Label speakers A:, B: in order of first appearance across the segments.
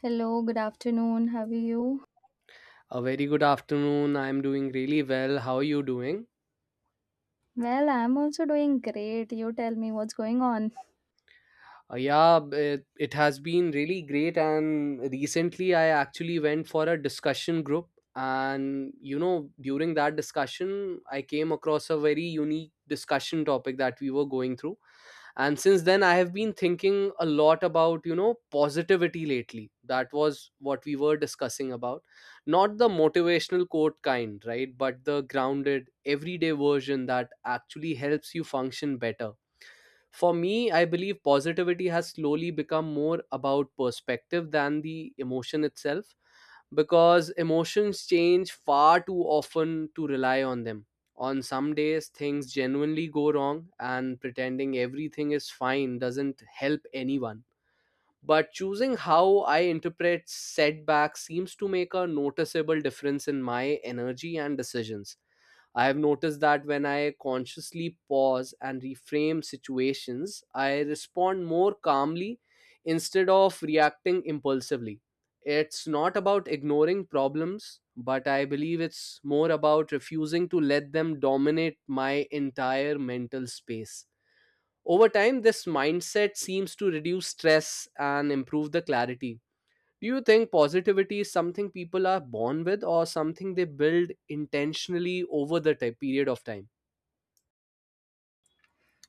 A: Hello, good afternoon. How are you?
B: A very good afternoon. I'm doing really well. How are you doing?
A: Well, I'm also doing great. You tell me what's going on.
B: It has been really great. And recently, I actually went for a discussion group. And, you know, during that discussion, I came across a very unique discussion topic that we were going through. And since then, I have been thinking a lot about, you know, positivity lately. That was what we were discussing about. Not the motivational quote kind, right, but the grounded everyday version that actually helps you function better. For me, I believe positivity has slowly become more about perspective than the emotion itself, because emotions change far too often to rely on them. On some days, things genuinely go wrong, and pretending everything is fine doesn't help anyone. But choosing how I interpret setbacks seems to make a noticeable difference in my energy and decisions. I have noticed that when I consciously pause and reframe situations, I respond more calmly instead of reacting impulsively. It's not about ignoring problems, but I believe it's more about refusing to let them dominate my entire mental space. Over time, this mindset seems to reduce stress and improve the clarity. Do you think positivity is something people are born with or something they build intentionally period of time?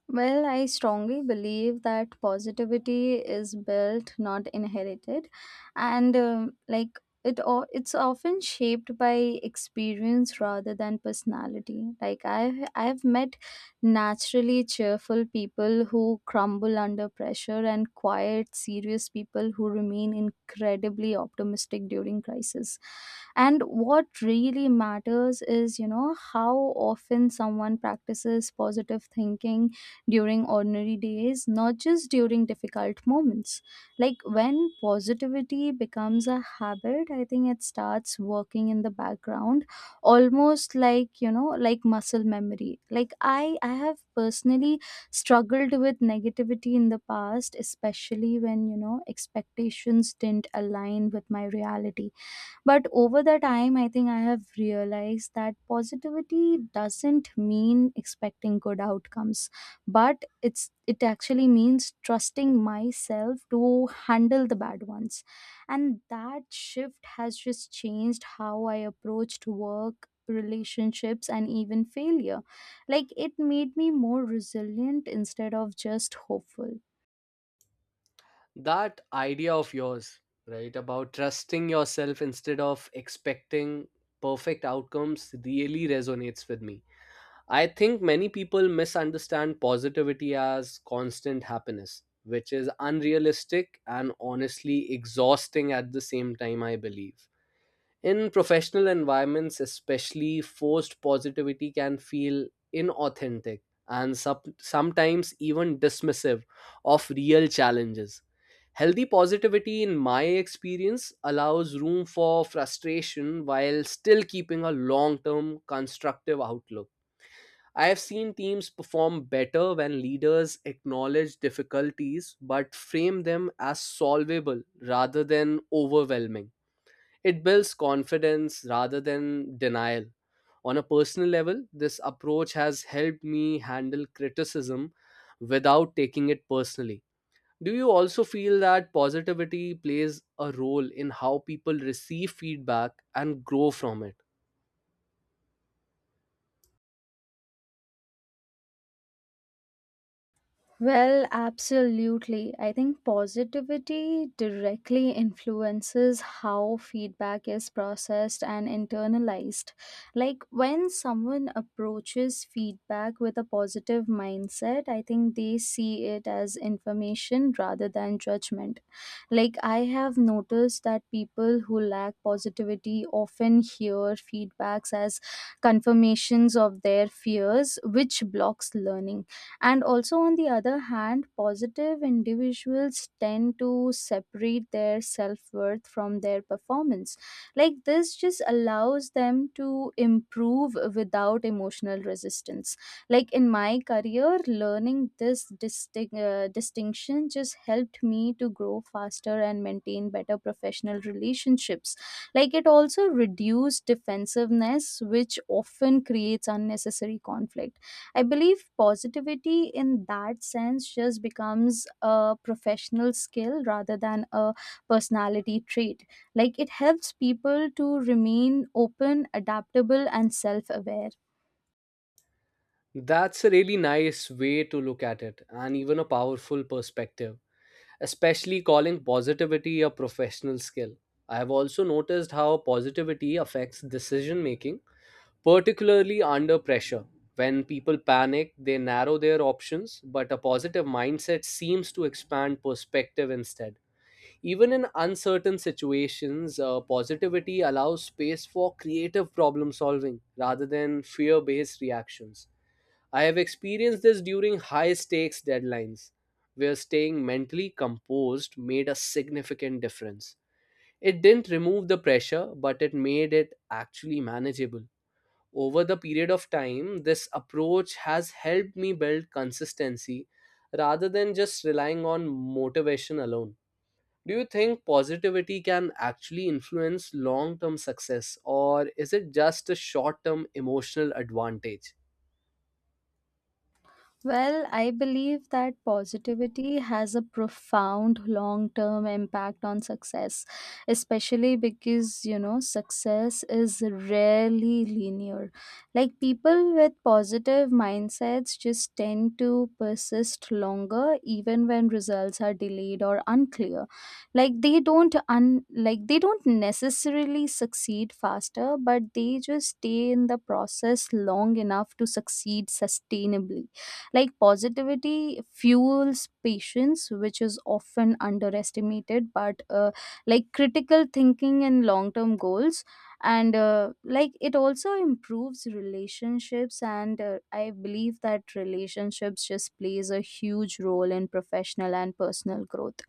A: Well, I strongly believe that positivity is built, not inherited, and it, it's often shaped by experience rather than personality. Like I've met naturally cheerful people who crumble under pressure, and quiet, serious people who remain incredibly optimistic during crisis. And what really matters is, you know, how often someone practices positive thinking during ordinary days, not just during difficult moments. Like when positivity becomes a habit, I think it starts working in the background, almost like, you know, like muscle memory. Like I have personally struggled with negativity in the past, especially when, you know, expectations didn't align with my reality, but over the time, I think I have realized that positivity doesn't mean expecting good outcomes, but it actually means trusting myself to handle the bad ones. And that shift has just changed how I approached work, relationships, and even failure. Like it made me more resilient instead of just hopeful.
B: That idea of yours, right, about trusting yourself instead of expecting perfect outcomes really resonates with me. I think many people misunderstand positivity as constant happiness, which is unrealistic and honestly exhausting at the same time, I believe. In professional environments, especially, forced positivity can feel inauthentic and sometimes even dismissive of real challenges. Healthy positivity, in my experience, allows room for frustration while still keeping a long term constructive outlook. I have seen teams perform better when leaders acknowledge difficulties but frame them as solvable rather than overwhelming. It builds confidence rather than denial. On a personal level, this approach has helped me handle criticism without taking it personally. Do you also feel that positivity plays a role in how people receive feedback and grow from it?
A: Well, absolutely. I think positivity directly influences how feedback is processed and internalized. Like when someone approaches feedback with a positive mindset, I think they see it as information rather than judgment. Like I have noticed that people who lack positivity often hear feedbacks as confirmations of their fears, which blocks learning. And also on the other hand, positive individuals tend to separate their self-worth from their performance. Like this just allows them to improve without emotional resistance. Like in my career, learning this distinction just helped me to grow faster and maintain better professional relationships. Like it also reduced defensiveness, which often creates unnecessary conflict. I believe positivity in that sense just becomes a professional skill rather than a personality trait. Like it helps people to remain open, adaptable, and self aware.
B: That's a really nice way to look at it, and even a powerful perspective, especially calling positivity a professional skill. I have also noticed how positivity affects decision making, particularly under pressure. When people panic, they narrow their options, but a positive mindset seems to expand perspective instead. Even in uncertain situations, positivity allows space for creative problem solving rather than fear based reactions. I have experienced this during high stakes deadlines, where staying mentally composed made a significant difference. It didn't remove the pressure, but it made it actually manageable. Over the period of time, this approach has helped me build consistency rather than just relying on motivation alone. Do you think positivity can actually influence long term success, or is it just a short term emotional advantage?
A: Well, I believe that positivity has a profound long term impact on success, especially because, you know, success is rarely linear. Like, people with positive mindsets just tend to persist longer, even when results are delayed or unclear. Like, they don't, like, they don't necessarily succeed faster, but they just stay in the process long enough to succeed sustainably. Like positivity fuels patience, which is often underestimated, but like critical thinking and long term goals. And like it also improves relationships, and I believe that relationships just plays a huge role in professional and personal growth.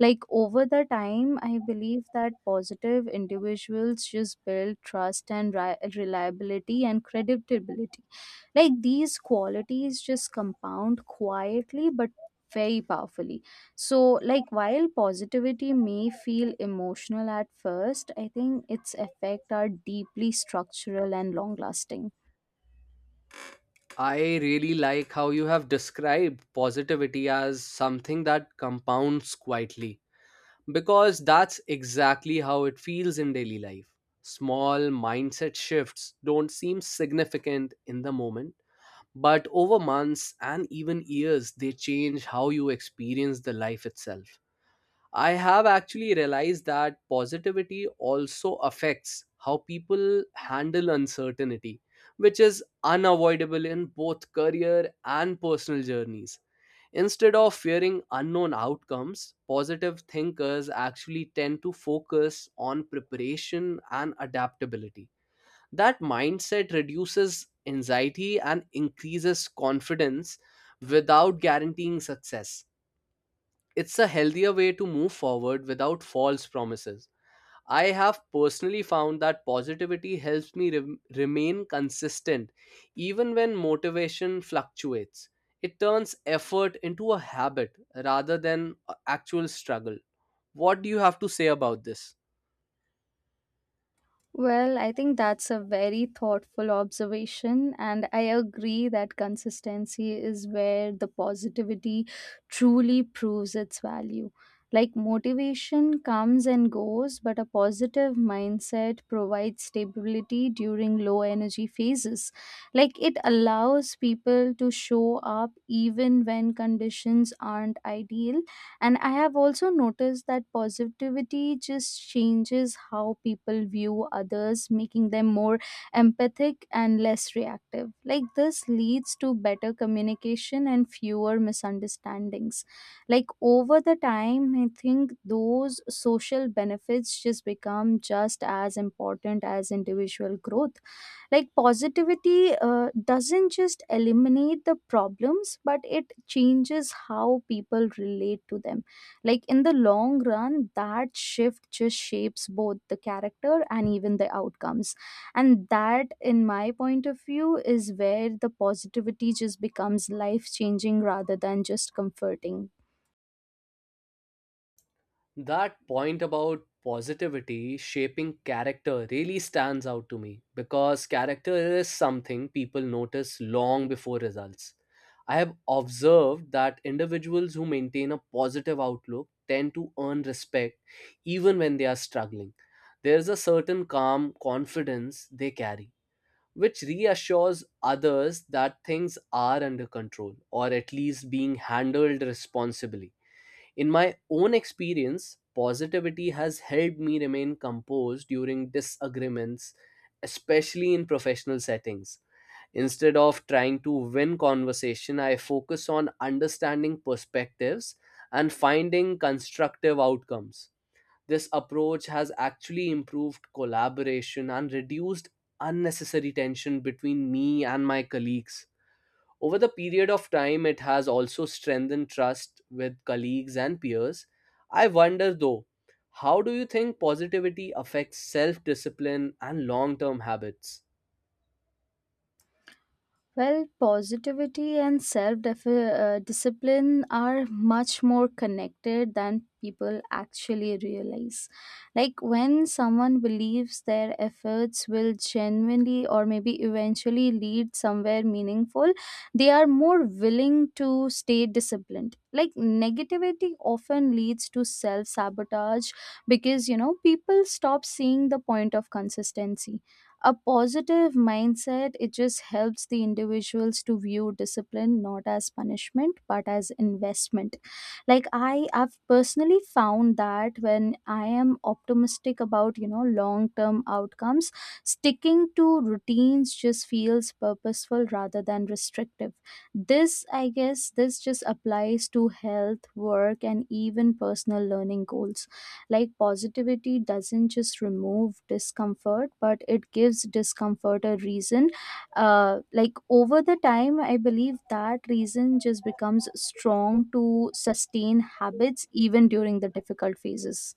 A: Like over the time, I believe that positive individuals just build trust, and reliability, and credibility. Like these qualities just compound quietly but very powerfully. So, like while positivity may feel emotional at first, I think its effect are deeply structural and long lasting.
B: I really like how you have described positivity as something that compounds quietly, because that's exactly how it feels in daily life. Small mindset shifts don't seem significant in the moment, but over months and even years, they change how you experience the life itself. I have actually realized that positivity also affects how people handle uncertainty, which is unavoidable in both career and personal journeys. Instead of fearing unknown outcomes, positive thinkers actually tend to focus on preparation and adaptability. That mindset reduces anxiety and increases confidence without guaranteeing success. It's a healthier way to move forward without false promises. I have personally found that positivity helps me remain consistent even when motivation fluctuates. It turns effort into a habit rather than a actual struggle. What do you have to say about this?
A: Well, I think that's a very thoughtful observation, and I agree that consistency is where the positivity truly proves its value. Like motivation comes and goes, but a positive mindset provides stability during low energy phases. Like it allows people to show up even when conditions aren't ideal. And I have also noticed that positivity just changes how people view others, making them more empathic and less reactive. Like this leads to better communication and fewer misunderstandings. Like over the time, I think those social benefits just become just as important as individual growth. Like positivity doesn't just eliminate the problems, but it changes how people relate to them. Like in the long run, that shift just shapes both the character and even the outcomes, and that, in my point of view, is where the positivity just becomes life changing rather than just comforting.
B: That point about positivity shaping character really stands out to me because character is something people notice long before results. I have observed that individuals who maintain a positive outlook tend to earn respect even when they are struggling. There is a certain calm confidence they carry, which reassures others that things are under control or at least being handled responsibly. In my own experience, positivity has helped me remain composed during disagreements, especially in professional settings. Instead of trying to win conversation, I focus on understanding perspectives and finding constructive outcomes. This approach has actually improved collaboration and reduced unnecessary tension between me and my colleagues. Over the period of time, it has also strengthened trust with colleagues and peers. I wonder though, how do you think positivity affects self discipline and long term habits?
A: Well, positivity and self discipline are much more connected than people actually realize. Like when someone believes their efforts will genuinely or maybe eventually lead somewhere meaningful, they are more willing to stay disciplined. Like negativity often leads to self sabotage, because you know people stop seeing the point of consistency. A positive mindset, it just helps the individuals to view discipline not as punishment but as investment. Like I've personally found that when I am optimistic about, you know, long term outcomes, sticking to routines just feels purposeful rather than restrictive. This, I guess, this just applies to health, work, and even personal learning goals. Like positivity doesn't just remove discomfort, but it gives discomfort a reason. Like over the time, I believe that reason just becomes strong to sustain habits even during the difficult phases.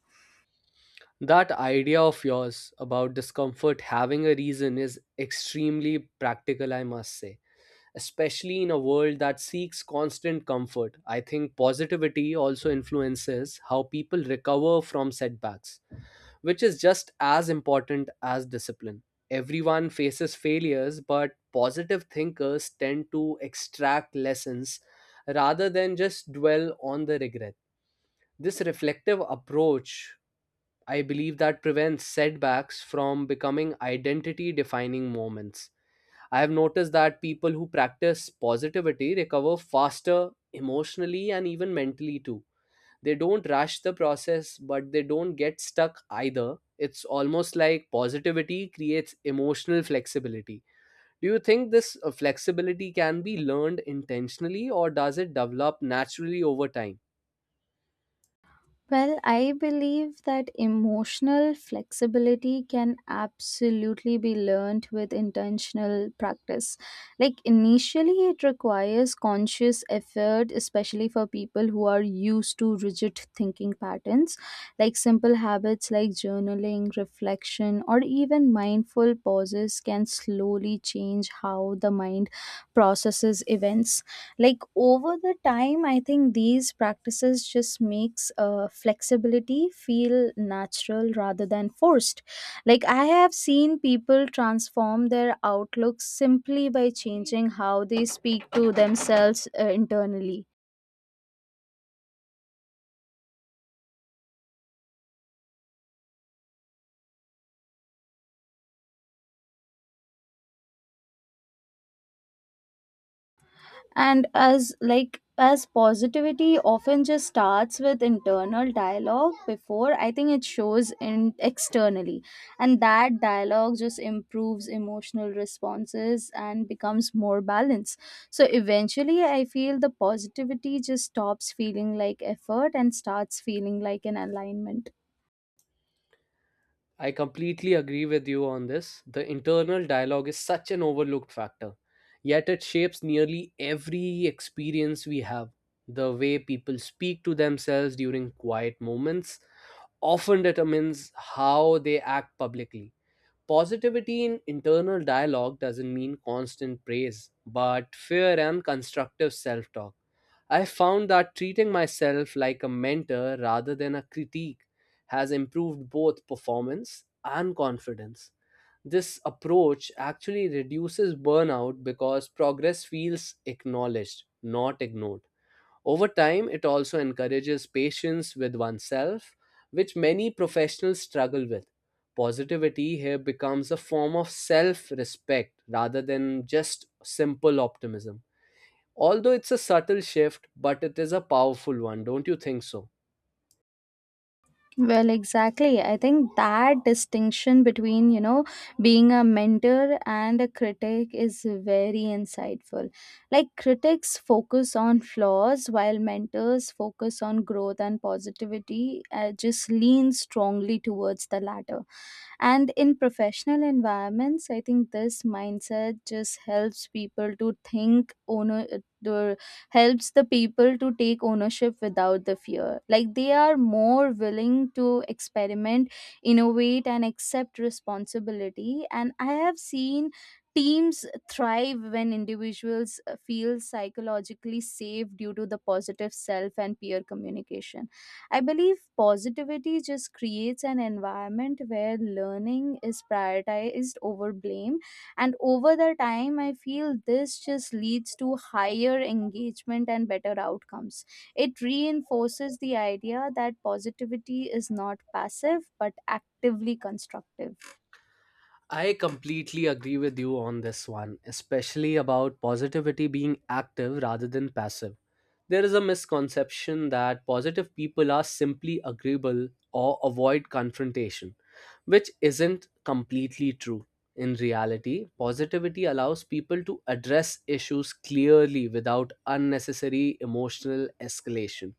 B: That idea of yours about discomfort having a reason is extremely practical, I must say, especially in a world that seeks constant comfort. I think positivity also influences how people recover from setbacks, which is just as important as discipline. Everyone faces failures, but positive thinkers tend to extract lessons rather than just dwell on the regret. This reflective approach, I believe, that prevents setbacks from becoming identity defining moments. I have noticed that people who practice positivity recover faster emotionally and even mentally too. They don't rush the process, but they don't get stuck either. It's almost like positivity creates emotional flexibility. Do you think this flexibility can be learned intentionally or does it develop naturally over time?
A: Well, I believe that emotional flexibility can absolutely be learned with intentional practice. Like, initially, it requires conscious effort, especially for people who are used to rigid thinking patterns. Like, simple habits like journaling, reflection, or even mindful pauses can slowly change how the mind processes events. Like over the time, I think these practices just makes flexibility feel natural rather than forced. Like I have seen people transform their outlook simply by changing how they speak to themselves, internally. And as, like, as positivity often just starts with internal dialogue before, I think, it shows in externally. And that dialogue just improves emotional responses and becomes more balanced. So eventually, I feel the positivity just stops feeling like effort and starts feeling like an alignment.
B: I completely agree with you on this. The internal dialogue is such an overlooked factor, yet it shapes nearly every experience we have. The way people speak to themselves during quiet moments often determines how they act publicly. Positivity in internal dialogue doesn't mean constant praise, but fair and constructive self talk. I found that treating myself like a mentor rather than a critique has improved both performance and confidence. This approach actually reduces burnout because progress feels acknowledged, not ignored. Over time, it also encourages patience with oneself, which many professionals struggle with. Positivity here becomes a form of self respect rather than just simple optimism. Although it's a subtle shift, but it is a powerful one, don't you think so?
A: Well, exactly. I think that distinction between, you know, being a mentor and a critic is very insightful. Like, critics focus on flaws while mentors focus on growth, and positivity, just lean strongly towards the latter. And in professional environments, I think this mindset just helps people to think owner, the- helps the people to take ownership without the fear. Like they are more willing to experiment, innovate, and accept responsibility. And I have seen teams thrive when individuals feel psychologically safe due to the positive self and peer communication. I believe positivity just creates an environment where learning is prioritized over blame. And over the time, I feel this just leads to higher engagement and better outcomes. It reinforces the idea that positivity is not passive but actively constructive.
B: I completely agree with you on this one, especially about positivity being active rather than passive. There is a misconception that positive people are simply agreeable or avoid confrontation, which isn't completely true. In reality, positivity allows people to address issues clearly without unnecessary emotional escalation.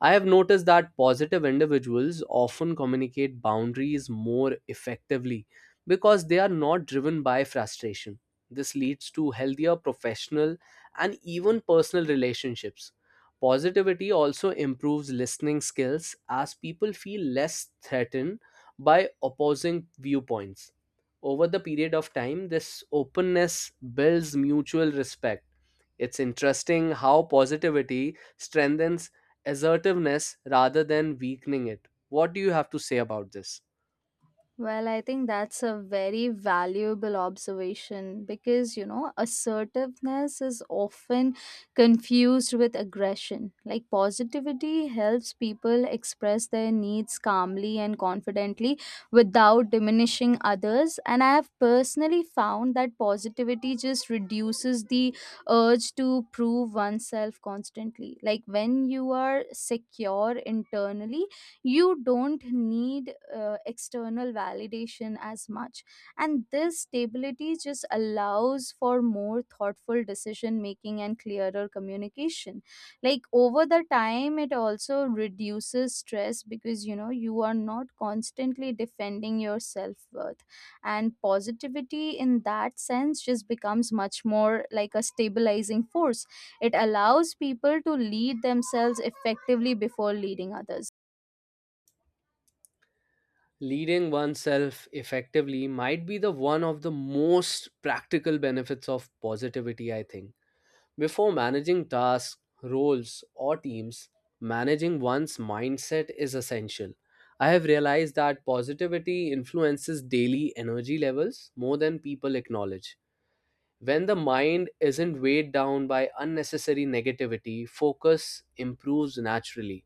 B: I have noticed that positive individuals often communicate boundaries more effectively because they are not driven by frustration. This leads to healthier professional and even personal relationships. Positivity also improves listening skills as people feel less threatened by opposing viewpoints. Over the period of time, this openness builds mutual respect. It's interesting how positivity strengthens assertiveness rather than weakening it. What do you have to say about this?
A: Well, I think that's a very valuable observation, because, you know, assertiveness is often confused with aggression. Like, positivity helps people express their needs calmly and confidently without diminishing others. And I have personally found that positivity just reduces the urge to prove oneself constantly. Like, when you are secure internally, you don't need external validation as much. And this stability just allows for more thoughtful decision making and clearer communication. Like over the time, it also reduces stress, because you know you are not constantly defending your self-worth. And positivity, in that sense, just becomes much more like a stabilizing force. It allows people to lead themselves effectively before leading others.
B: Leading oneself effectively might be the one of the most practical benefits of positivity, I think. Before managing tasks, roles, or teams, managing one's mindset is essential. I have realized that positivity influences daily energy levels more than people acknowledge. When the mind isn't weighed down by unnecessary negativity, focus improves naturally.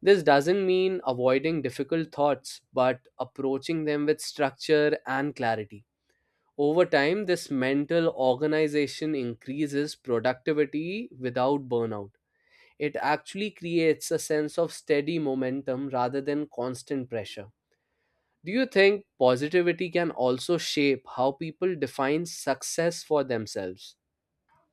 B: This doesn't mean avoiding difficult thoughts, but approaching them with structure and clarity. Over time, this mental organization increases productivity without burnout. It actually creates a sense of steady momentum rather than constant pressure. Do you think positivity can also shape how people define success for themselves?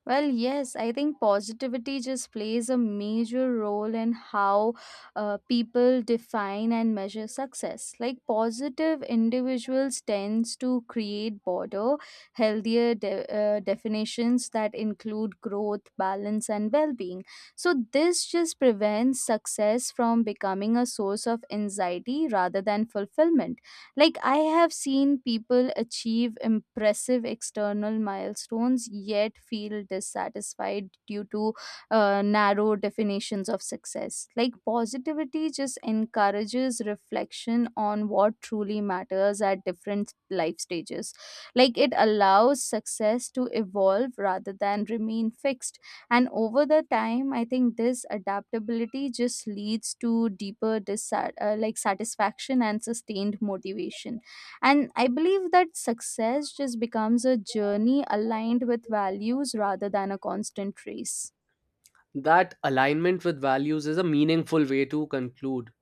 A: Well, yes, I think positivity just plays a major role in how people define and measure success. Like positive individuals tends to create broader, healthier definitions that include growth, balance, and well-being. So this just prevents success from becoming a source of anxiety rather than fulfillment. Like, I have seen people achieve impressive external milestones yet feel dissatisfied due to narrow definitions of success. Like, positivity just encourages reflection on what truly matters at different life stages. Like, it allows success to evolve rather than remain fixed. And over the time, I think this adaptability just leads to deeper like satisfaction and sustained motivation. And I believe that success just becomes a journey aligned with values rather than a constant race.
B: That alignment with values is a meaningful way to conclude,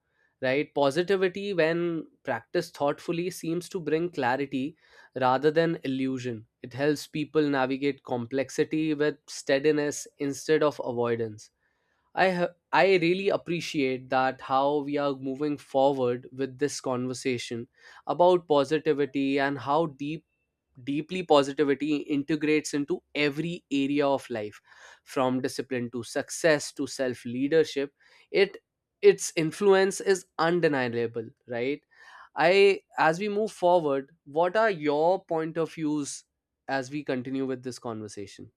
B: right? Positivity, when practiced thoughtfully, seems to bring clarity rather than illusion. It helps people navigate complexity with steadiness instead of avoidance. I really appreciate that how we are moving forward with this conversation about positivity and how deeply positivity integrates into every area of life, from discipline to success to self leadership. It its influence is undeniable, right? I As we move forward, what are your point of views as we continue with this conversation?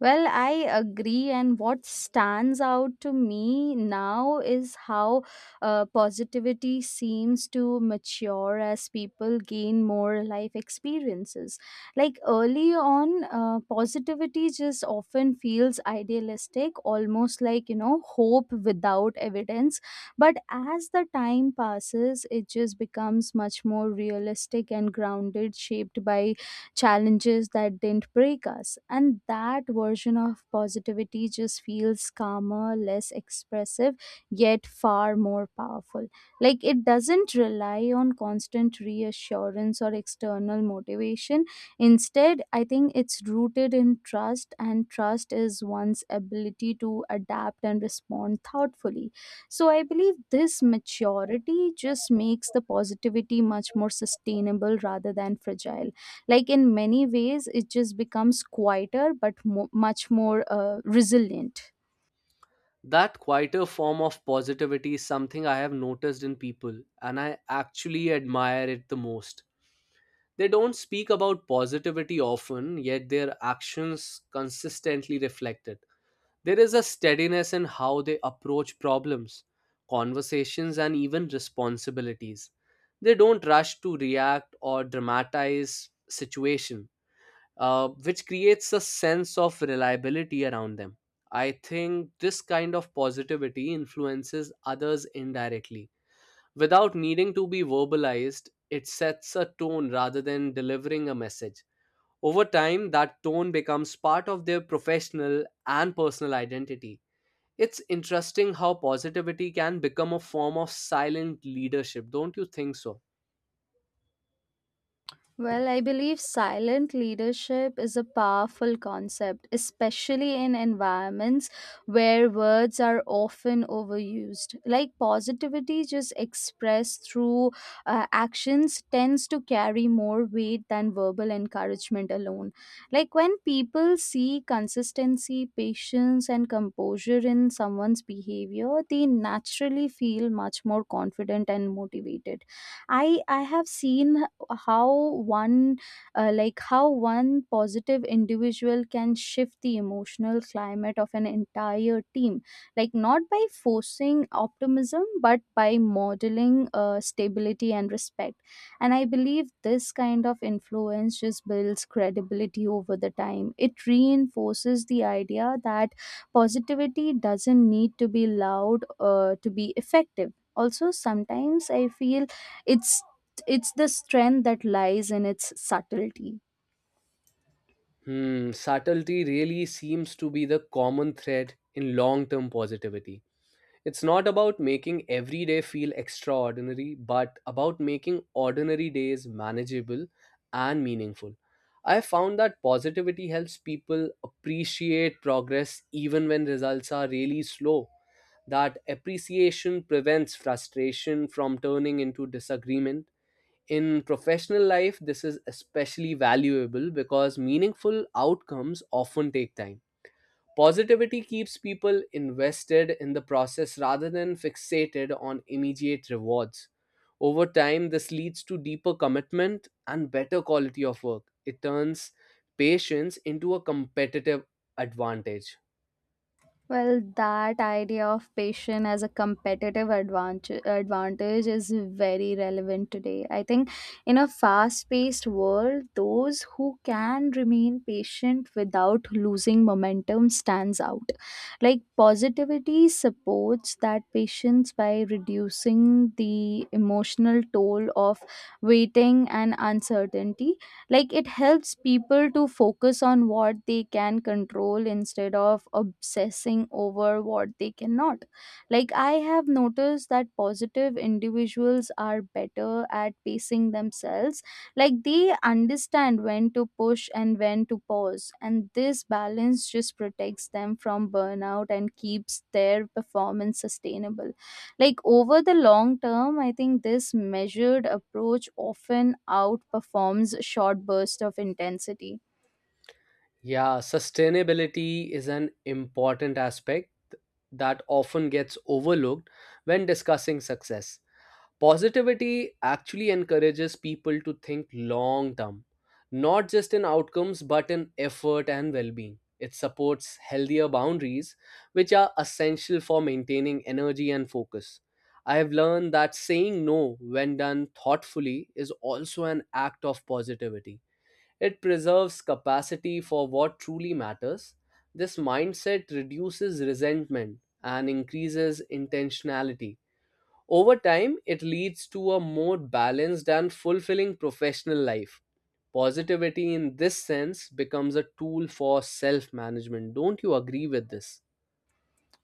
A: Well, I agree. And what stands out to me now is how positivity seems to mature as people gain more life experiences. Like early on, positivity just often feels idealistic, almost like, you know, hope without evidence. But as the time passes, it just becomes much more realistic and grounded, shaped by challenges that didn't break us. And that version of positivity just feels calmer, less expressive, yet far more powerful. Like it doesn't rely on constant reassurance or external motivation. Instead, I think it's rooted in trust, and trust is one's ability to adapt and respond thoughtfully. So I believe this maturity just makes the positivity much more sustainable rather than fragile. Like in many ways, it just becomes quieter but much more resilient.
B: That quieter form of positivity is something I have noticed in people, and I actually admire it the most. They don't speak about positivity often, yet their actions consistently reflect it. There is a steadiness in how they approach problems, conversations, and even responsibilities. They don't rush to react or dramatize situation, which creates a sense of reliability around them. I think this kind of positivity influences others indirectly. Without needing to be verbalized, it sets a tone rather than delivering a message. Over time, that tone becomes part of their professional and personal identity. It's interesting how positivity can become a form of silent leadership, don't you think so?
A: Well, I believe silent leadership is a powerful concept, especially in environments where words are often overused. Like positivity, just expressed through actions, tends to carry more weight than verbal encouragement alone. Like when people see consistency, patience, and composure in someone's behavior, they naturally feel much more confident and motivated. I have seen how one, like how one positive individual can shift the emotional climate of an entire team. Like not by forcing optimism, but by modeling stability and respect. And I believe this kind of influence just builds credibility over the time. It reinforces the idea that positivity doesn't need to be loud to be effective. Also sometimes I feel it's it's the strength that lies in its subtlety.
B: Hmm, subtlety really seems to be the common thread in long term positivity. It's not about making every day feel extraordinary, but about making ordinary days manageable and meaningful. I found that positivity helps people appreciate progress even when results are really slow. That appreciation prevents frustration from turning into disagreement. In professional life, this is especially valuable because meaningful outcomes often take time. Positivity keeps people invested in the process rather than fixated on immediate rewards. Over time, this leads to deeper commitment and better quality of work. It turns patience into a competitive advantage.
A: Well, that idea of patience as a competitive advantage is very relevant today. I think in a fast paced world, those who can remain patient without losing momentum stands out. Like positivity supports that patience by reducing the emotional toll of waiting and uncertainty. Like it helps people to focus on what they can control instead of obsessing over what they cannot. Like I have noticed that positive individuals are better at pacing themselves. Like they understand when to push and when to pause, and this balance just protects them from burnout and keeps their performance sustainable. Like over the long term, I think this measured approach often outperforms short bursts of intensity.
B: Yeah, sustainability is an important aspect that often gets overlooked when discussing success. Positivity actually encourages people to think long term, not just in outcomes but in effort and well being. It supports healthier boundaries, which are essential for maintaining energy and focus. I have learned that saying no, when done thoughtfully, is also an act of positivity. It preserves capacity for what truly matters. This mindset reduces resentment and increases intentionality. Over time, it leads to a more balanced and fulfilling professional life. Positivity, in this sense, becomes a tool for self management. Don't you agree with this?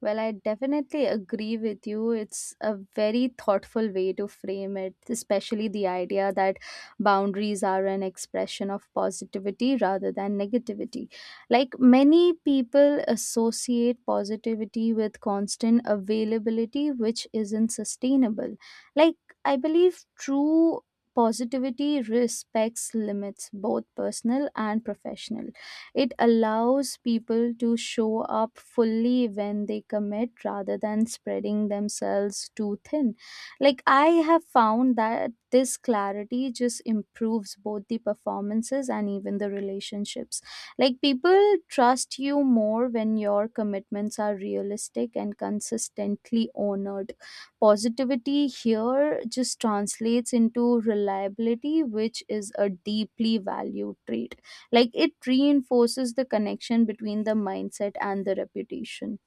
A: Well, I definitely agree with you. It's a very thoughtful way to frame it, especially the idea that boundaries are an expression of positivity rather than negativity. Like many people associate positivity with constant availability, which isn't sustainable. Like, I believe true positivity respects limits, both personal and professional. It allows people to show up fully when they commit rather than spreading themselves too thin. Like, I have found that this clarity just improves both the performances and even the relationships. Like, people trust you more when your commitments are realistic and consistently honored. Positivity here just translates into reliability, which is a deeply valued trait. Like it reinforces the connection between the mindset and the reputation.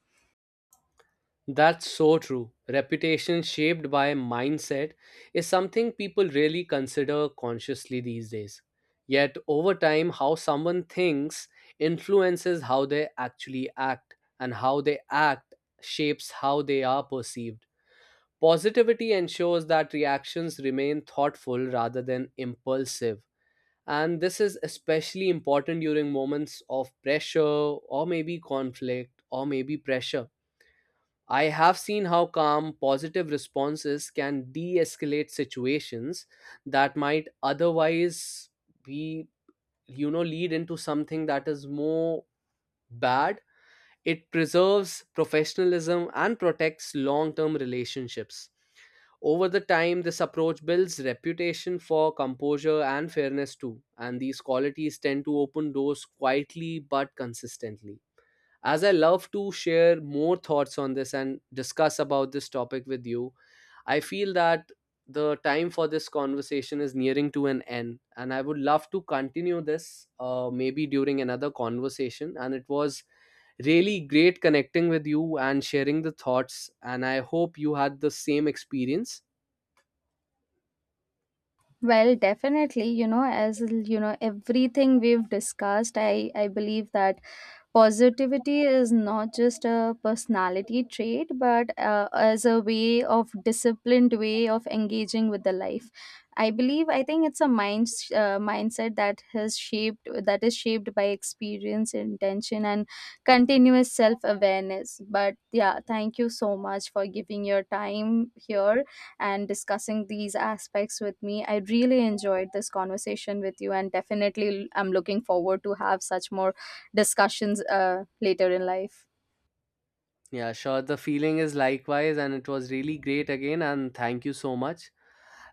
B: That's so true. Reputation shaped by mindset is something people really consider consciously these days. Yet, over time, how someone thinks influences how they actually act, and how they act shapes how they are perceived. Positivity ensures that reactions remain thoughtful rather than impulsive. And this is especially important during moments of pressure or maybe conflict or maybe pressure. I have seen how calm, positive responses can de escalate situations that might otherwise be, you know, lead into something that is more bad. It preserves professionalism and protects long term relationships. Over the time, this approach builds reputation for composure and fairness too, and these qualities tend to open doors quietly but consistently. As I love to share more thoughts on this and discuss about this topic with you, I feel that the time for this conversation is nearing to an end, and I would love to continue this, maybe during another conversation. And it was really great connecting with you and sharing the thoughts. And I hope you had the same experience.
A: Well, definitely, you know, you know, everything we've discussed, I believe that positivity is not just a personality trait, but as a way of disciplined way of engaging with the life. I believe, I think it's a mindset that has shaped that is shaped by experience, intention, and continuous self awareness. But yeah, thank you so much for giving your time here and discussing these aspects with me. I really enjoyed this conversation with you, and definitely I'm looking forward to have such more discussions later in life.
B: Yeah, sure. The feeling is likewise. And it was really great again. And thank you so much.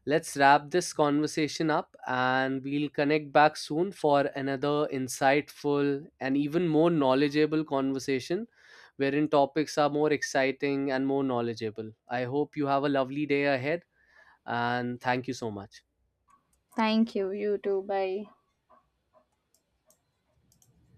B: Let's wrap this conversation up and we'll connect back soon for another insightful and even more knowledgeable conversation wherein topics are more exciting and more knowledgeable. I hope you have a lovely day ahead, and thank you so much.
A: Thank you. You too. Bye.